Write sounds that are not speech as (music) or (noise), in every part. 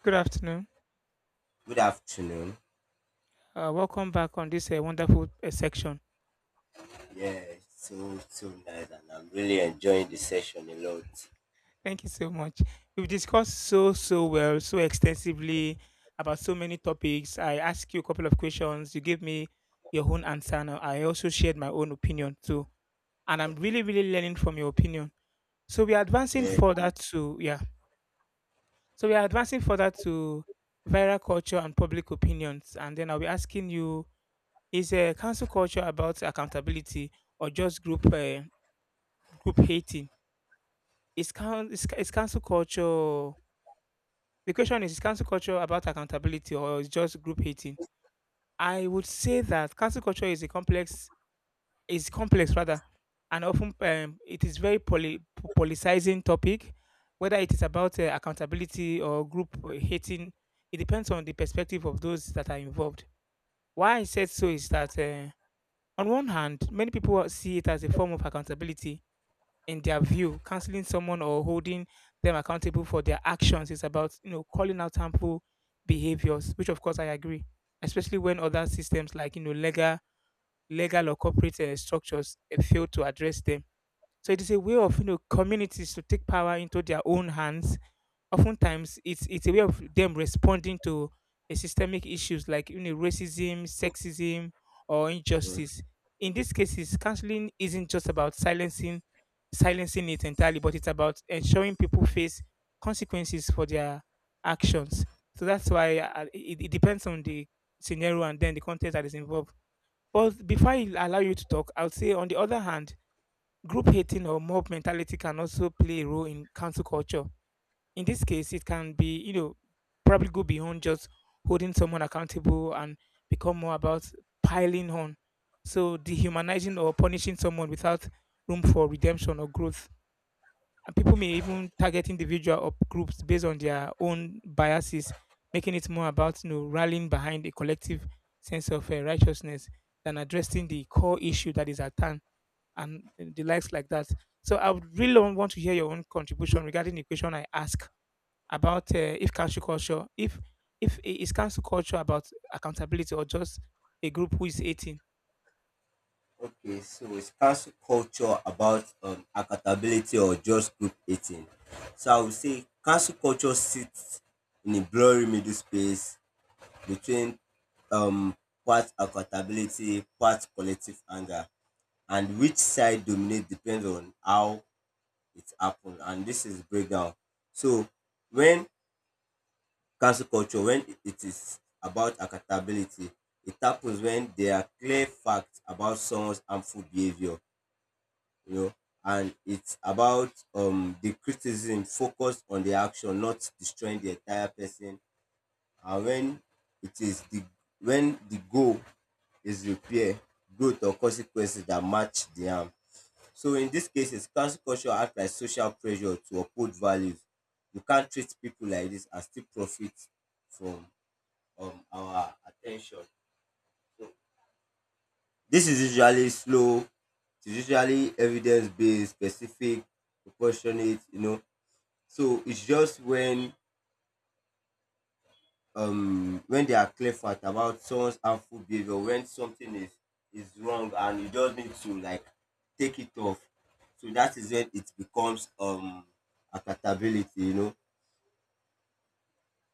Good afternoon. Good afternoon. Welcome back on this wonderful section. Yeah, it's so nice, and I'm really enjoying the session a lot. Thank you so much. We've discussed so well, so extensively about so many topics. I asked you a couple of questions. You gave me your own answer. And I also shared my own opinion too. And I'm really learning from your opinion. So we are advancing Yeah. further to, yeah. So we are advancing further to viral culture and public opinions. And then I'll be asking you, is council culture about accountability or just group hating? Is coun is ca- is cancel culture The question is cancel culture about accountability or is just group hating? I would say that cancel culture is a complex is complex rather, and often it is very politicizing topic, whether it is about accountability or group hating. It depends on the perspective of those that are involved. Why I said so is that, on one hand, many people see it as a form of accountability. In their view, canceling someone or holding them accountable for their actions is about, you know, calling out harmful behaviors, which of course I agree, especially when other systems like, you know, legal or corporate structures fail to address them. So it is a way of, you know, communities to take power into their own hands. Oftentimes, it's a way of them responding to a systemic issues like, you know, racism, sexism, or Mm. injustice. In these cases, counseling isn't just about silencing it entirely, but it's about ensuring people face consequences for their actions. So that's why, it depends on the scenario and then the context that is involved. But before I allow you to talk, I'll say on the other hand, group hating or mob mentality can also play a role in council culture. In this case, it can be, you know, probably go beyond just holding someone accountable and become more about piling on. So dehumanizing or punishing someone without room for redemption or growth. And people may even target individual or groups based on their own biases, making it more about, you know, rallying behind a collective sense of righteousness than addressing the core issue that is at hand, and the likes like that. So I would really want to hear your own contribution regarding the question I ask about, if cancel culture, if I- is cancel culture about accountability or just a group who is hating. Okay, so is cancel culture about accountability or just group eating? So I would say cancel culture sits in a blurry middle space between um part accountability, part collective anger, and which side dominates depends on how it happened. And this is breakdown. So when cancel culture, when it is about accountability, it happens when there are clear facts about someone's harmful behavior, you know, and it's about the criticism focused on the action, not destroying the entire person. And it is the when the goal is repair, growth, or consequences that match the harm. So in these cases, cancel culture acts like social pressure to uphold values. You can't treat people like this and still profit from of our attention. So this is usually slow, it's usually evidence based, specific, proportionate. So it's just when they are clear fact about someone's harmful behavior, when something is wrong and you just need to like take it off. So that is when it becomes accountability.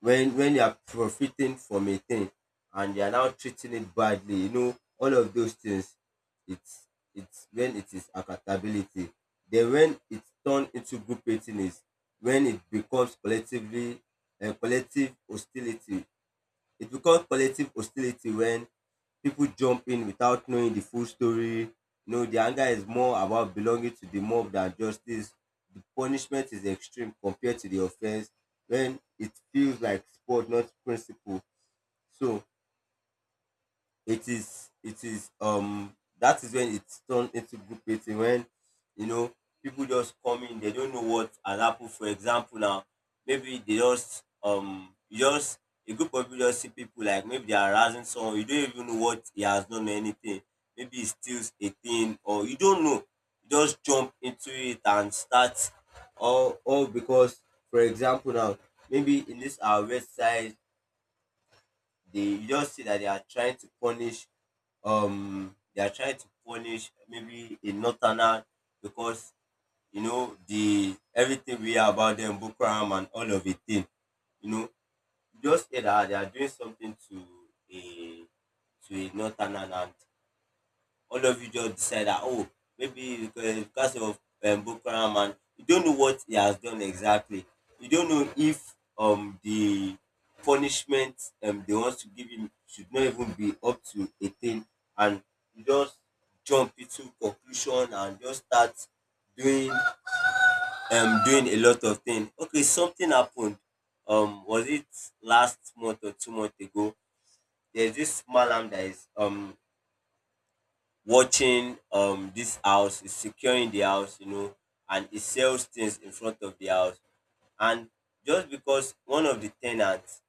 When they are profiting from a thing and they are now treating it badly all of those things, it's it's when it is accountability. Then when it's turned into group hating is when it becomes collective hostility. It becomes collective hostility when people jump in without knowing the full story. No, the anger is more about belonging to the mob than justice. The punishment is extreme compared to the offense when it feels like sport, not principle. So it is that is when it's turned into group meeting when you know people just come in, they don't know what has happened. For example now, maybe they just you just, a group of people just see people like maybe they are harassing someone, you don't even know what he has done or anything, maybe he steals a thing or you don't know, you just jump into it and start, all because. For example now, maybe in this our website, they you just see that they are trying to punish they are trying to punish maybe a northerner, because the everything we hear about them, Boko Haram and all of it thing. you know you just hear that they are doing something to a a northerner, and all of you just decide that, oh, maybe because of Boko Haram, and you don't know what he has done exactly. You don't know if the punishment they want to give him should not even be up to 18, and you just jump into conclusion and just start doing doing a lot of things. Okay, something happened. Was it last month or 2 months ago? There's this malam that is watching this house, is securing the house, and he sells things in front of the house. And just because one of the tenants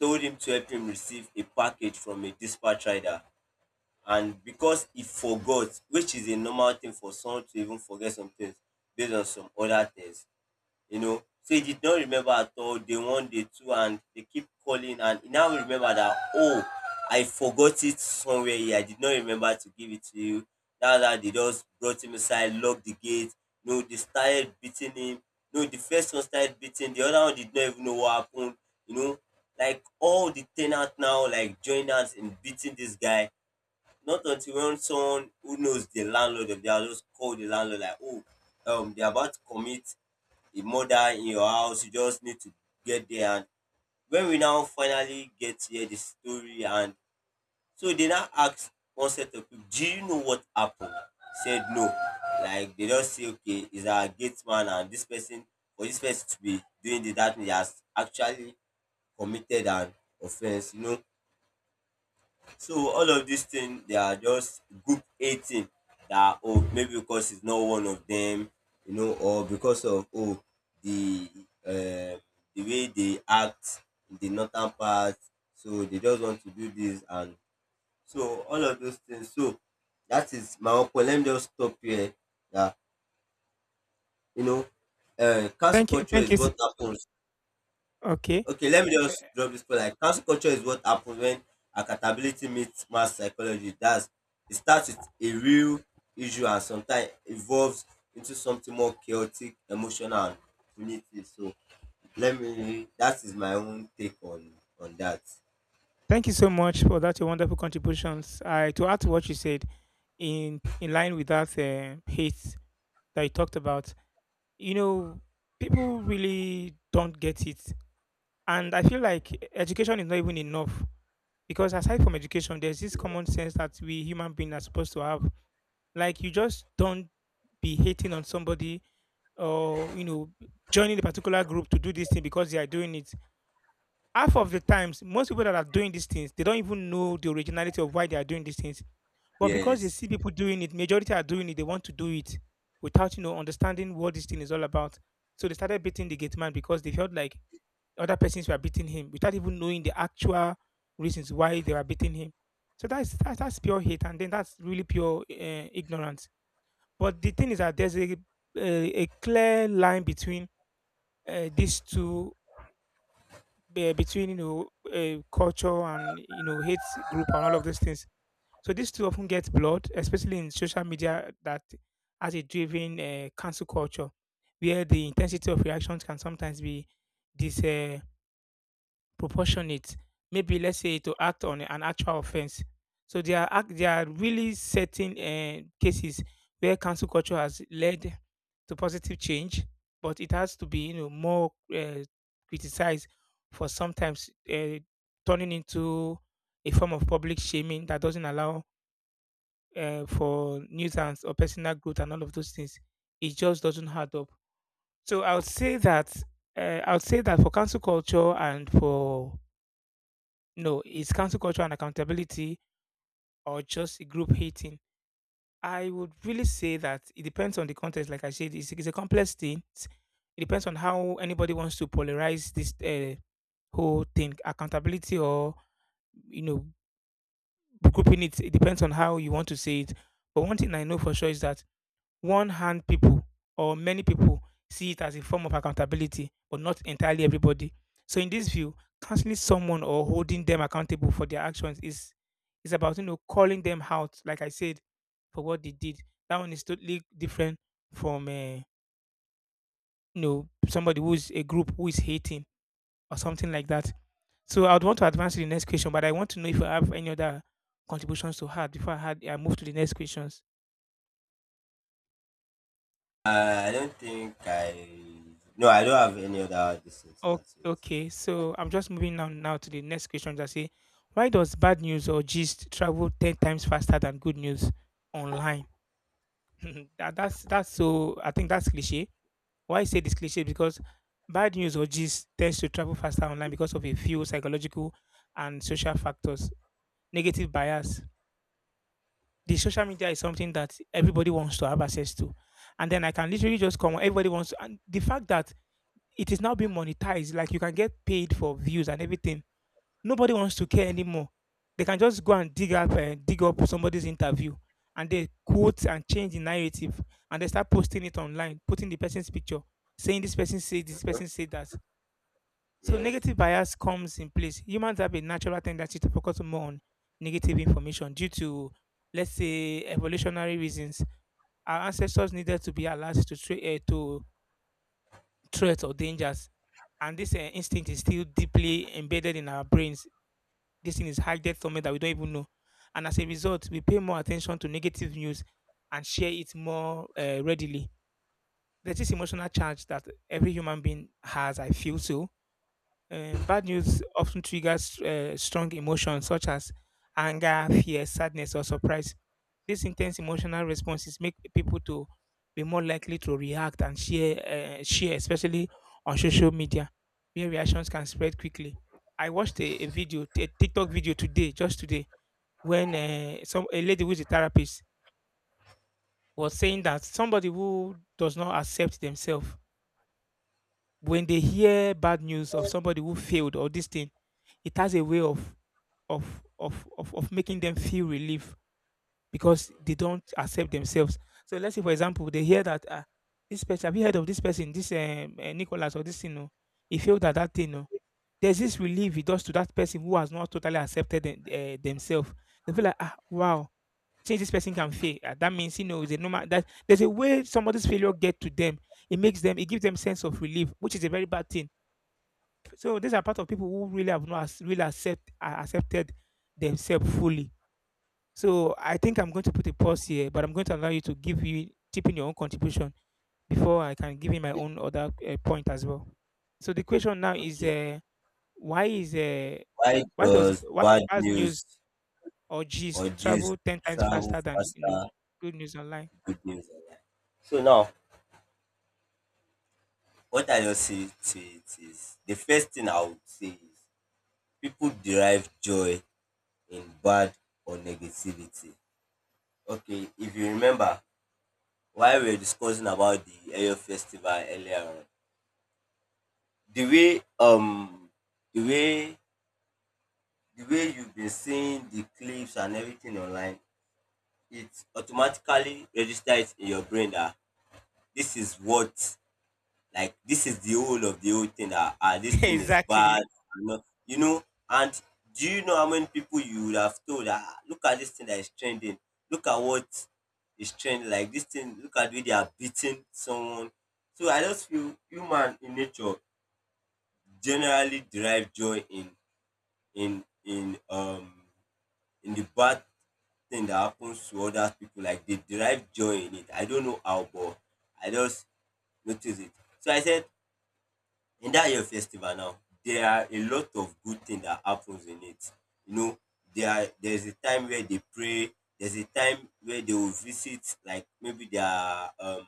told him to help him receive a package from a dispatch rider, and because he forgot, which is a normal thing for someone to even forget some things based on some other things. So he did not remember at all day one, day two, and they keep calling, and he now remember that, oh, I forgot it somewhere here. I did not remember to give it to you. Now that they just brought him aside, locked the gate. No, they started beating him. No, the first one started beating. The other one did not even know what happened. You know, like all the tenants now like joined us in beating this guy. Not until when someone who knows the landlord of the house just called the landlord like, oh, they're about to commit a murder in your house, you just need to get there. And when we now finally get here, the story, and so they now ask one set of people, do you know what happened? Said no. Like they just say okay, is our gate man and this person, for this person to be doing the, that he has actually committed an offense. So all of these things, they are just group A thing, that, oh, maybe because it's not one of them, or because of, oh, the um the way they act in the northern part, so they just want to do this, and so all of those things. So that is my own point. Let me just stop here. That you know, cancel Thank you, culture thank is you. S- what happens. Okay, Okay, let me Eh, just drop this point. Like cancel culture is what happens when accountability meets mass psychology. That's It starts with a real issue and sometimes evolves into something more chaotic, emotional and punitive. So let me that is my own take on that. thank you so much for that. Your wonderful contributions. I to add to what you said, in line with that hate that you talked about. You know, people really don't get it, and I feel like education is not even enough, because aside from education, there's this common sense that we human beings are supposed to have. Like you just don't be hating on somebody, or you know, joining a particular group to do this thing because they are doing it. Half of the times, most people that are doing these things, they don't even know the originality of why they are doing these things. But because they Yes. see people doing it, majority are doing it, they want to do it without, you know, understanding what this thing is all about. So they started beating the gate man because they felt like other persons were beating him without even knowing the actual reasons why they were beating him. So that's pure hate, and then that's really pure ignorance. But the thing is that there's a clear line between these two, between, you know, culture and, you know, hate group and all of those things. So these two often get blurred, especially in social media that has a driven cancel culture, where the intensity of reactions can sometimes be this. Proportionate. Maybe let's say to act on an actual offense. So there are really certain cases where cancel culture has led to positive change, but it has to be, you know, more criticized for sometimes turning into a form of public shaming that doesn't allow for news or personal growth and all of those things. It just doesn't add up. So I would say that, for cancel culture and for no, is cancel culture and accountability or just a group hating? I would really say that it depends on the context. Like I said, it's a complex thing. It's- It depends on how anybody wants to polarize this whole thing. Accountability or, you know, grouping it, it depends on how you want to say it. But one thing I know for sure is that one hand people or many people see it as a form of accountability, but not entirely everybody. So in this view, counseling someone or holding them accountable for their actions is about, you know, calling them out, like I said, for what they did. That one is totally different from, you know, somebody who's a group who is hating or something like that. So I would want to advance to the next question, but I want to know if you have any other contributions to add before I move to the next questions. I don't think I no, I don't have any other distance to O- answer it. okay, so I'm just moving on now to the next question that say, why does bad news or gist travel 10 times faster than good news online? (laughs) That's so I think that's cliche. Why I say this cliche? Because bad news or gist tends to travel faster online because of a few psychological and social factors, negative bias. The social media is something that everybody wants to have access to, and then I can literally just come. Everybody wants, and the fact that it is now being monetized, like you can get paid for views and everything. Nobody wants to care anymore. They can just go and dig up somebody's interview, and they quote and change the narrative, and they start posting it online, putting the person's picture, saying this person said that. So Yes. negative bias comes in place. Humans have a natural tendency to focus more on negative information due to, let's say, evolutionary reasons. Our ancestors needed to be alert to threats or dangers, and this instinct is still deeply embedded in our brains. This thing is hidden somewhere that we don't even know. And as a result, we pay more attention to negative news and share it more readily. There's this emotional charge that every human being has, I feel so. Bad news often triggers strong emotions such as anger, fear, sadness, or surprise. These intense emotional responses make people to be more likely to react and share, especially on social media, where reactions can spread quickly. I watched a video, a TikTok video today, just today, when, some a lady who is a therapist was saying that somebody who does not accept themselves, when they hear bad news of somebody who failed or this thing, it has a way of making them feel relief because they don't accept themselves. So let's say, for example, they hear that, this person, have you heard of this person, this nicholas or this thing? No, he failed at that thing. No, there's this relief it does to that person who has not totally accepted themselves. They feel like, ah, wow, since this person can that means, you know, it's a normal that there's a way somebody's failure get to them. It makes them, it gives them sense of relief, which is a very bad thing. So these are part of people who really have not ac- really accept accepted themselves fully. So I think I'm going to put a pause here, but I'm going to allow you to give you chip in your own contribution before I can give you my own other point as well. So the question now is, Okay. Why is Why why does does why bad bad news news or or gist just travel ten times travel faster than, you know, faster good news online? good news online. So now, what I just say to it is, the first thing I would say is people derive joy in bad or negativity. Okay, if you remember why we were discussing about the Ayo festival earlier on, the way um the way the way you've been seeing the clips and everything online, it automatically registers in your brain that this is what like this is the whole of the whole thing. Ah, this (laughs) thing is Exactly. bad. You know, you know. And do you know how many people you would have told? Ah, look at this thing that is trending. Look at what is trending. Like this thing. Look at the way they are beating someone. So I just feel human in nature generally derive joy in in um in the bad thing that happens to other people. Like they derive joy in it. I don't know how, but I just notice it. So I said in that year festival now, there are a lot of good thing that happens in it. You know, there's a time where they pray. There's a time where they will visit, like maybe their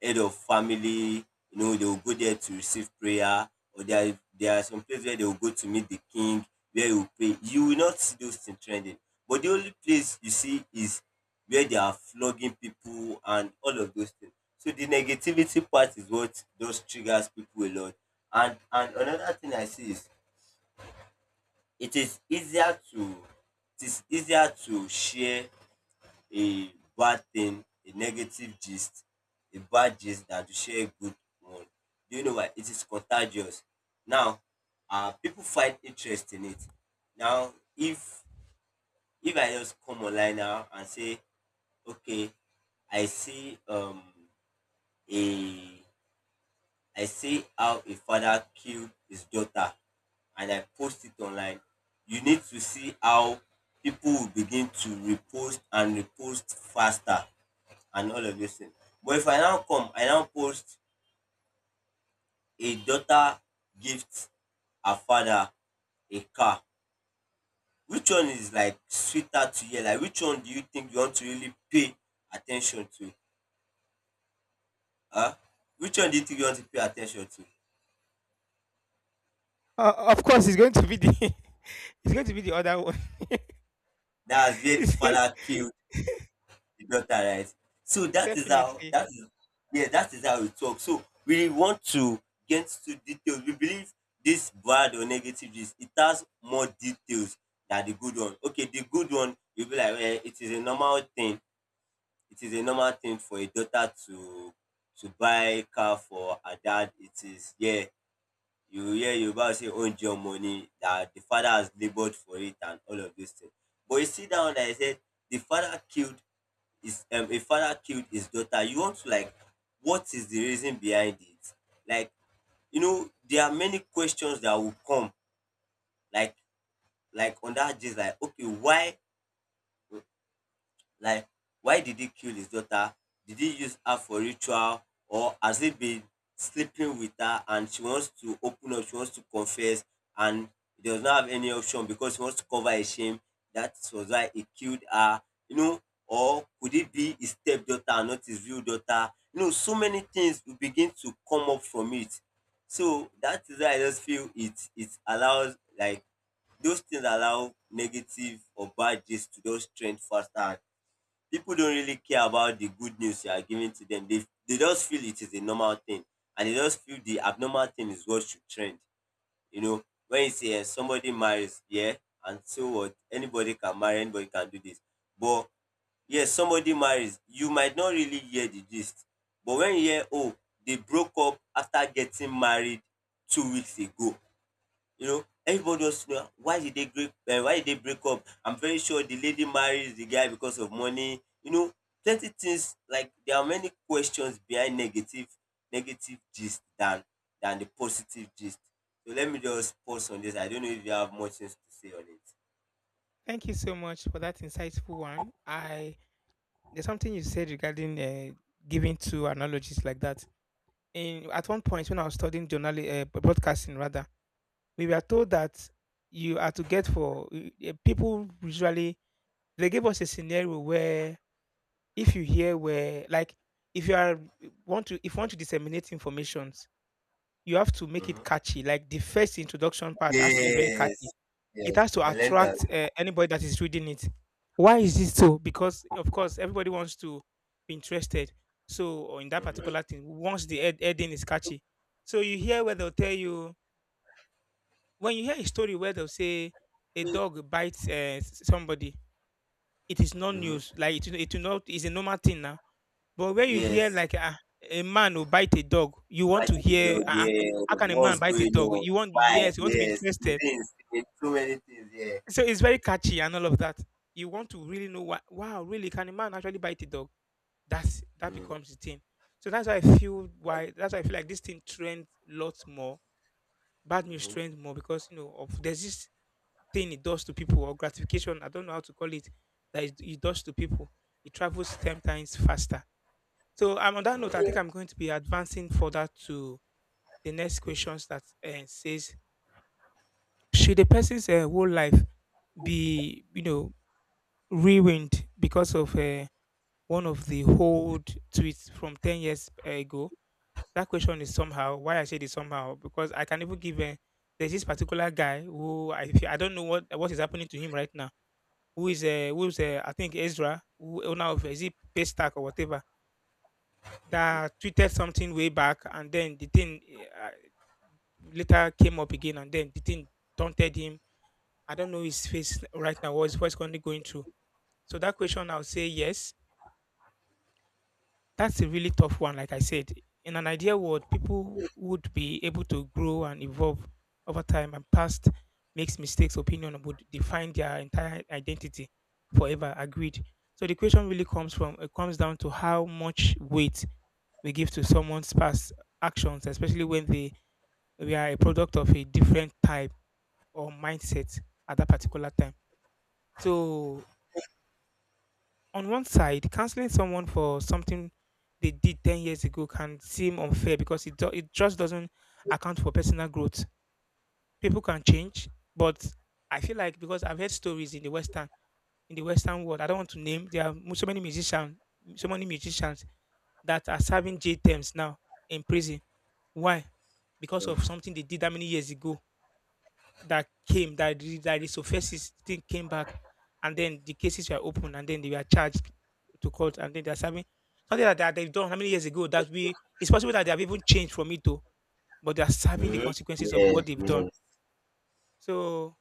head of family, they will go there to receive prayer, or there are some places where they will go to meet the king, where you pray. You will not see those things trending. But the only place you see is where they are flogging people and all of those things. So the negativity part is what does triggers people a lot. And another thing I see is it is easier to it is easier to share a bad thing, a negative gist, a bad gist that to share a good one. Do you know why? It is contagious. Now, people find interest in it. Now, if I just come online now and say, okay, I see um a I see how a father killed his daughter and I post it online, you need to see how people will begin to repost and repost faster and all of those things. But if I now come, I now post a daughter gift her father a car. Which one is like sweeter to hear? Like which one do you think you want to really pay attention to? Huh? Which one do you think you want to pay attention to? Of course, it's going to be the (laughs) it's going to be the other one. (laughs) That's where the It's- father came the daughter, right? So that is how Definitely. that is. Yeah, that is how it works. So we want to get to details. We believe this bad or negative gist, it has more details than the good one. Okay, the good one, you be like, well, it is a normal thing. It is a normal thing for a daughter to buy car for her dad. It is, yeah, you hear yoruba say oúnjẹ ọmọ ni, that the father has laboured for it and all of those things. But you see, that one that I said, the father killed is a father killed his daughter, you want to like, what is the reason behind it? Like, you know, there are many questions that will come, like like on that gist, like, okay, why, like why did he kill his daughter? Did he use her for ritual, or has he been sleeping with her and she wants to open up, she wants to confess, and he does not have any option because he wants to cover his shame. That was why he killed her, you know, or could it be his stepdaughter and not his real daughter? You know, so many things will begin to come up from it. So that is why I just feel it allows like those things allow negative or bad gist to just trend faster, and people don't really care about the good news you are giving to them. They just feel it is a normal thing, and they just feel the abnormal thing is what should trend. You know, when you say somebody marries, yeah, and so what? Anybody can marry, anybody can do this. But yes, somebody marries, you might not really hear the gist. But when you hear, oh, they broke up after getting married 2 weeks ago. You know, everybody wants to know why did they break up? I'm very sure the lady marries the guy because of money. You know, plenty things, like, there are many questions behind negative gist than the positive gist. So let me just pause on this. I don't know if you have much things to say on it. Thank you so much for that insightful one. I there's something you said regarding giving two analogies like that. In at one point when I was studying journal broadcasting rather, we were told that you are to get for people. Usually they gave us a scenario where if you hear where like if you are want to if you want to disseminate information, you have to make it Mhm. catchy. Like, the first introduction part has to be very catchy. Yes, It yes, has to I learned that. attract, anybody that is reading it. Why is this so? Because, of course, everybody wants to be interested, so or in that Mhm, particular thing, once the heading is catchy. So you hear where they'll tell you, when you hear a story where they'll say a dog bites, eh, s somebody, it is not mhm. news. Like, it will not, is a normal thing now. But when you hear Yes, like a man will bite a dog, you want to fighting the hear, dog. How Yeah, can a man what's bite a going dog? on? You want, Why? yes, you want to be Yes, interested. things, so many things. Yeah. So it's very catchy and all of that. You want to really know what, wow, really, can a man actually bite a dog? That Mm. becomes the thing. So that's why I feel like this thing trends lots more. Bad news Mm-hmm. trends more because you know of there's this thing it does to people, or gratification, I don't know how to call it, that it does to people. It travels ten times faster. So on that note, I think I'm going to be advancing further to the next questions, that says, should a person's whole life be, you know, ruined because of one of the old tweets from 10 years ago? That question is somehow, why I said it somehow, because I can even give, there's this particular guy who, I, I don't know what is happening to him right now, who is, who's I think, Ezra, who owner of, is it Paystack or whatever, that tweeted something way back, and then the thing, eh, later came up again, and then the thing taunted him. I don't know his face right now. What's currently going through? So that question I'll say yes. That's a really tough one, like I said. In an ideal world, people would be able to grow and evolve over time, and past makes mistakes opinion would define their entire identity forever. Agreed. So the question really comes from, it comes down to how much weight we give to someone's past actions, especially when they we are a product of a different type or mindset at that particular time. So, on one side, canceling someone for something they did 10 years ago can seem unfair because it just doesn't account for personal growth. People can change, but I feel like, because I've heard stories in the Western world, I don't want to name, there are so many musicians that are serving J terms now in prison. Why? Because of something they did that many years ago, that resurfaces, thing came back, and then the cases were opened, and then they were charged to court, and then they're serving something like that, that they've done how many years ago, that we, it's possible that they have even changed from it too, but they're serving the consequences of Yeah. what they've done. Hmm. So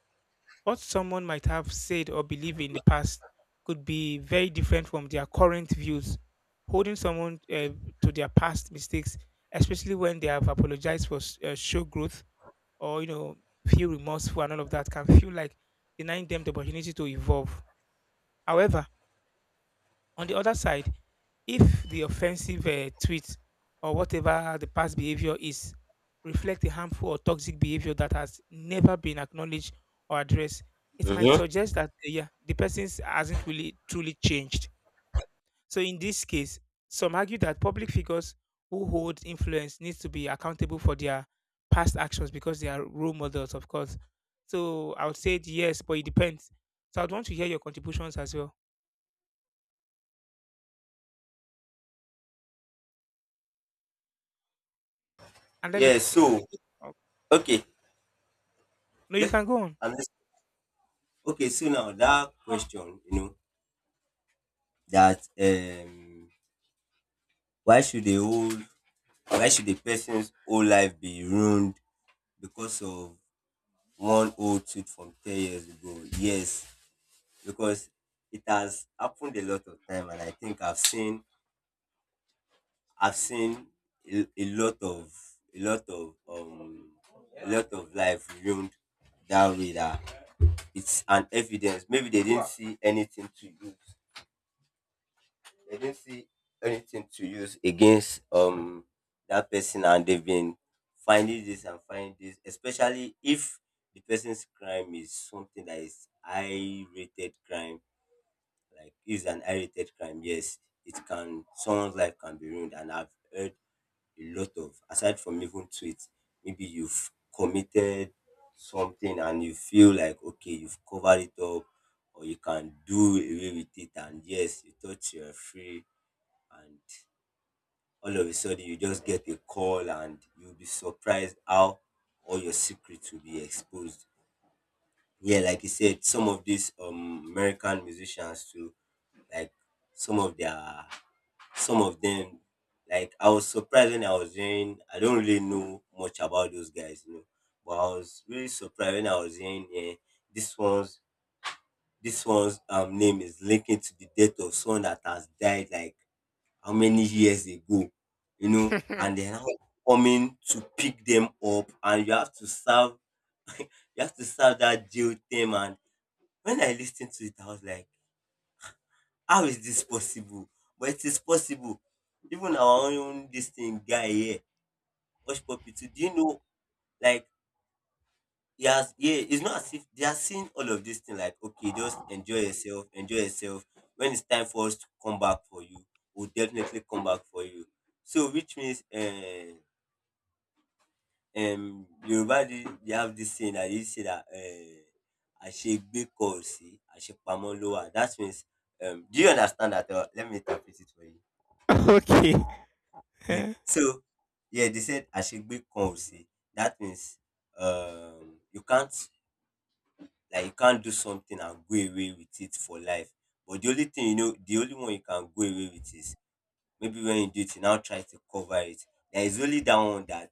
what someone might have said or believed in the past could be very different from their current views. Holding someone to their past mistakes, especially when they have apologized for show growth, or you know, feel remorseful and all of that, can feel like denying them the opportunity to evolve. However, on the other side, if the offensive tweet or whatever the past behavior is reflect a harmful or toxic behavior that has never been acknowledged or addressed, it might Hmm. suggest that yeah, the person hasn't really truly changed. So in this case, some argue that public figures who hold influence need to be accountable for their past actions because they are role models, of course. So I would say yes, but it depends. So I'd want to hear your contributions as well. And then Yeah, the, so oh, okay. no, you Yeah. can go on. And this, okay, so now that question, you know, that, why should the whole, why should the person's whole life be ruined because of one old tweet from 10 years ago? Yes, because it has happened a lot of time, and I think I've seen a lot of a lot of a lot of life ruined that way. That it's an evidence. Maybe they didn't see anything to use. They didn't see anything to use against that person, and they've been finding this and finding this, especially if the person's crime is something that is high rated crime, like is an high rated crime. Yes, it can, someone's life can be ruined, and I've heard a lot of, aside from even tweets, maybe you've committed something and you feel like okay, you've covered it up or you can do away with it and yes, you thought you're free, and all of a sudden you just get a call and you'll be surprised how all your secrets will be exposed. Yeah, like you said, some of these American musicians too, like some of their, some of them, like, I was surprised when I was hearing, I don't really know much about those guys, you know, but I was really surprised when I was hearing, this one's, this one's name is linking to the death of someone that has died like how many years ago, you know, and they're now coming to pick them up, and you have to serve that jail term. And when I listened to it, I was like, how is this possible? But it is possible. Even our own this thing guy here, Hush Puppy too. Do you know, like, he has, yeah, it's not as if they are seeing all of this thing, like, okay, just enjoy yourself, enjoy yourself. When it's time for us to come back for you, we'll definitely come back for you. So, which means, Yoruba, they have this saying that you say that, àṣegbé kọ ò sí àṣepamọ́ ló wà, that means, do you understand that or let me interpret it for you? (laughs) Okay. (laughs) Eh, So yeah, they said àṣegbé kan ò sí, that means, you can't, like, you can't do something and go away with it for life. But the only thing, you know, the only one you can go away with is maybe when you do it, you now try to cover it. There is only that one that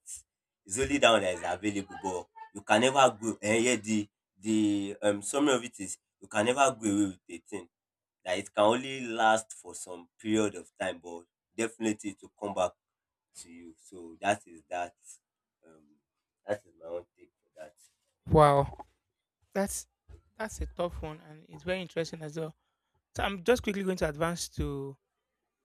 Is only that one that is available, but you can never go. And yeah, the summary of it is you can never go away with a thing. That it can only last for some period of time, but definitely it will come back to you. So that is that. Um, that is my own take for that. wow. That's that's a tough one, and it's very interesting as well. So I'm just quickly going to advance to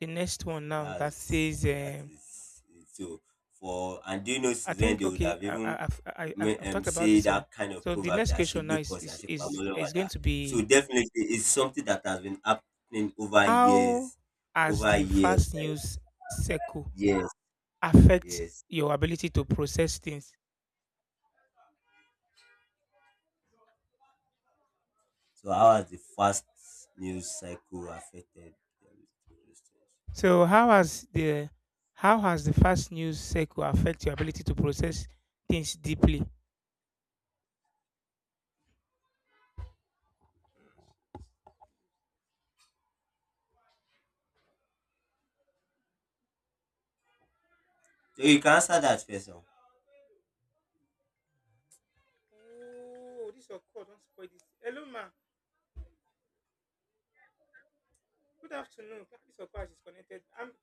the next So one now that that's, says, that um, is it. So for, and do you know I since when think, they would okay. have I, I, even I've I, I've I've talked about say this one. that kind of So the proverb next that question ashigbe now is kosi is ashipamo is, lọ́wọ́ is dà. going to So be, definitely it's something that has been happening how has over the years, fast like news cycle years, affect years. your ability to process things? So how has the fast news cycle affected, um, those things? So how has the fast news cycle affect your ability to process things deeply? So you can answer that first. Oh, this your call. Don't spoil this. Hello, ma. Good afternoon. This your call is connected. I'm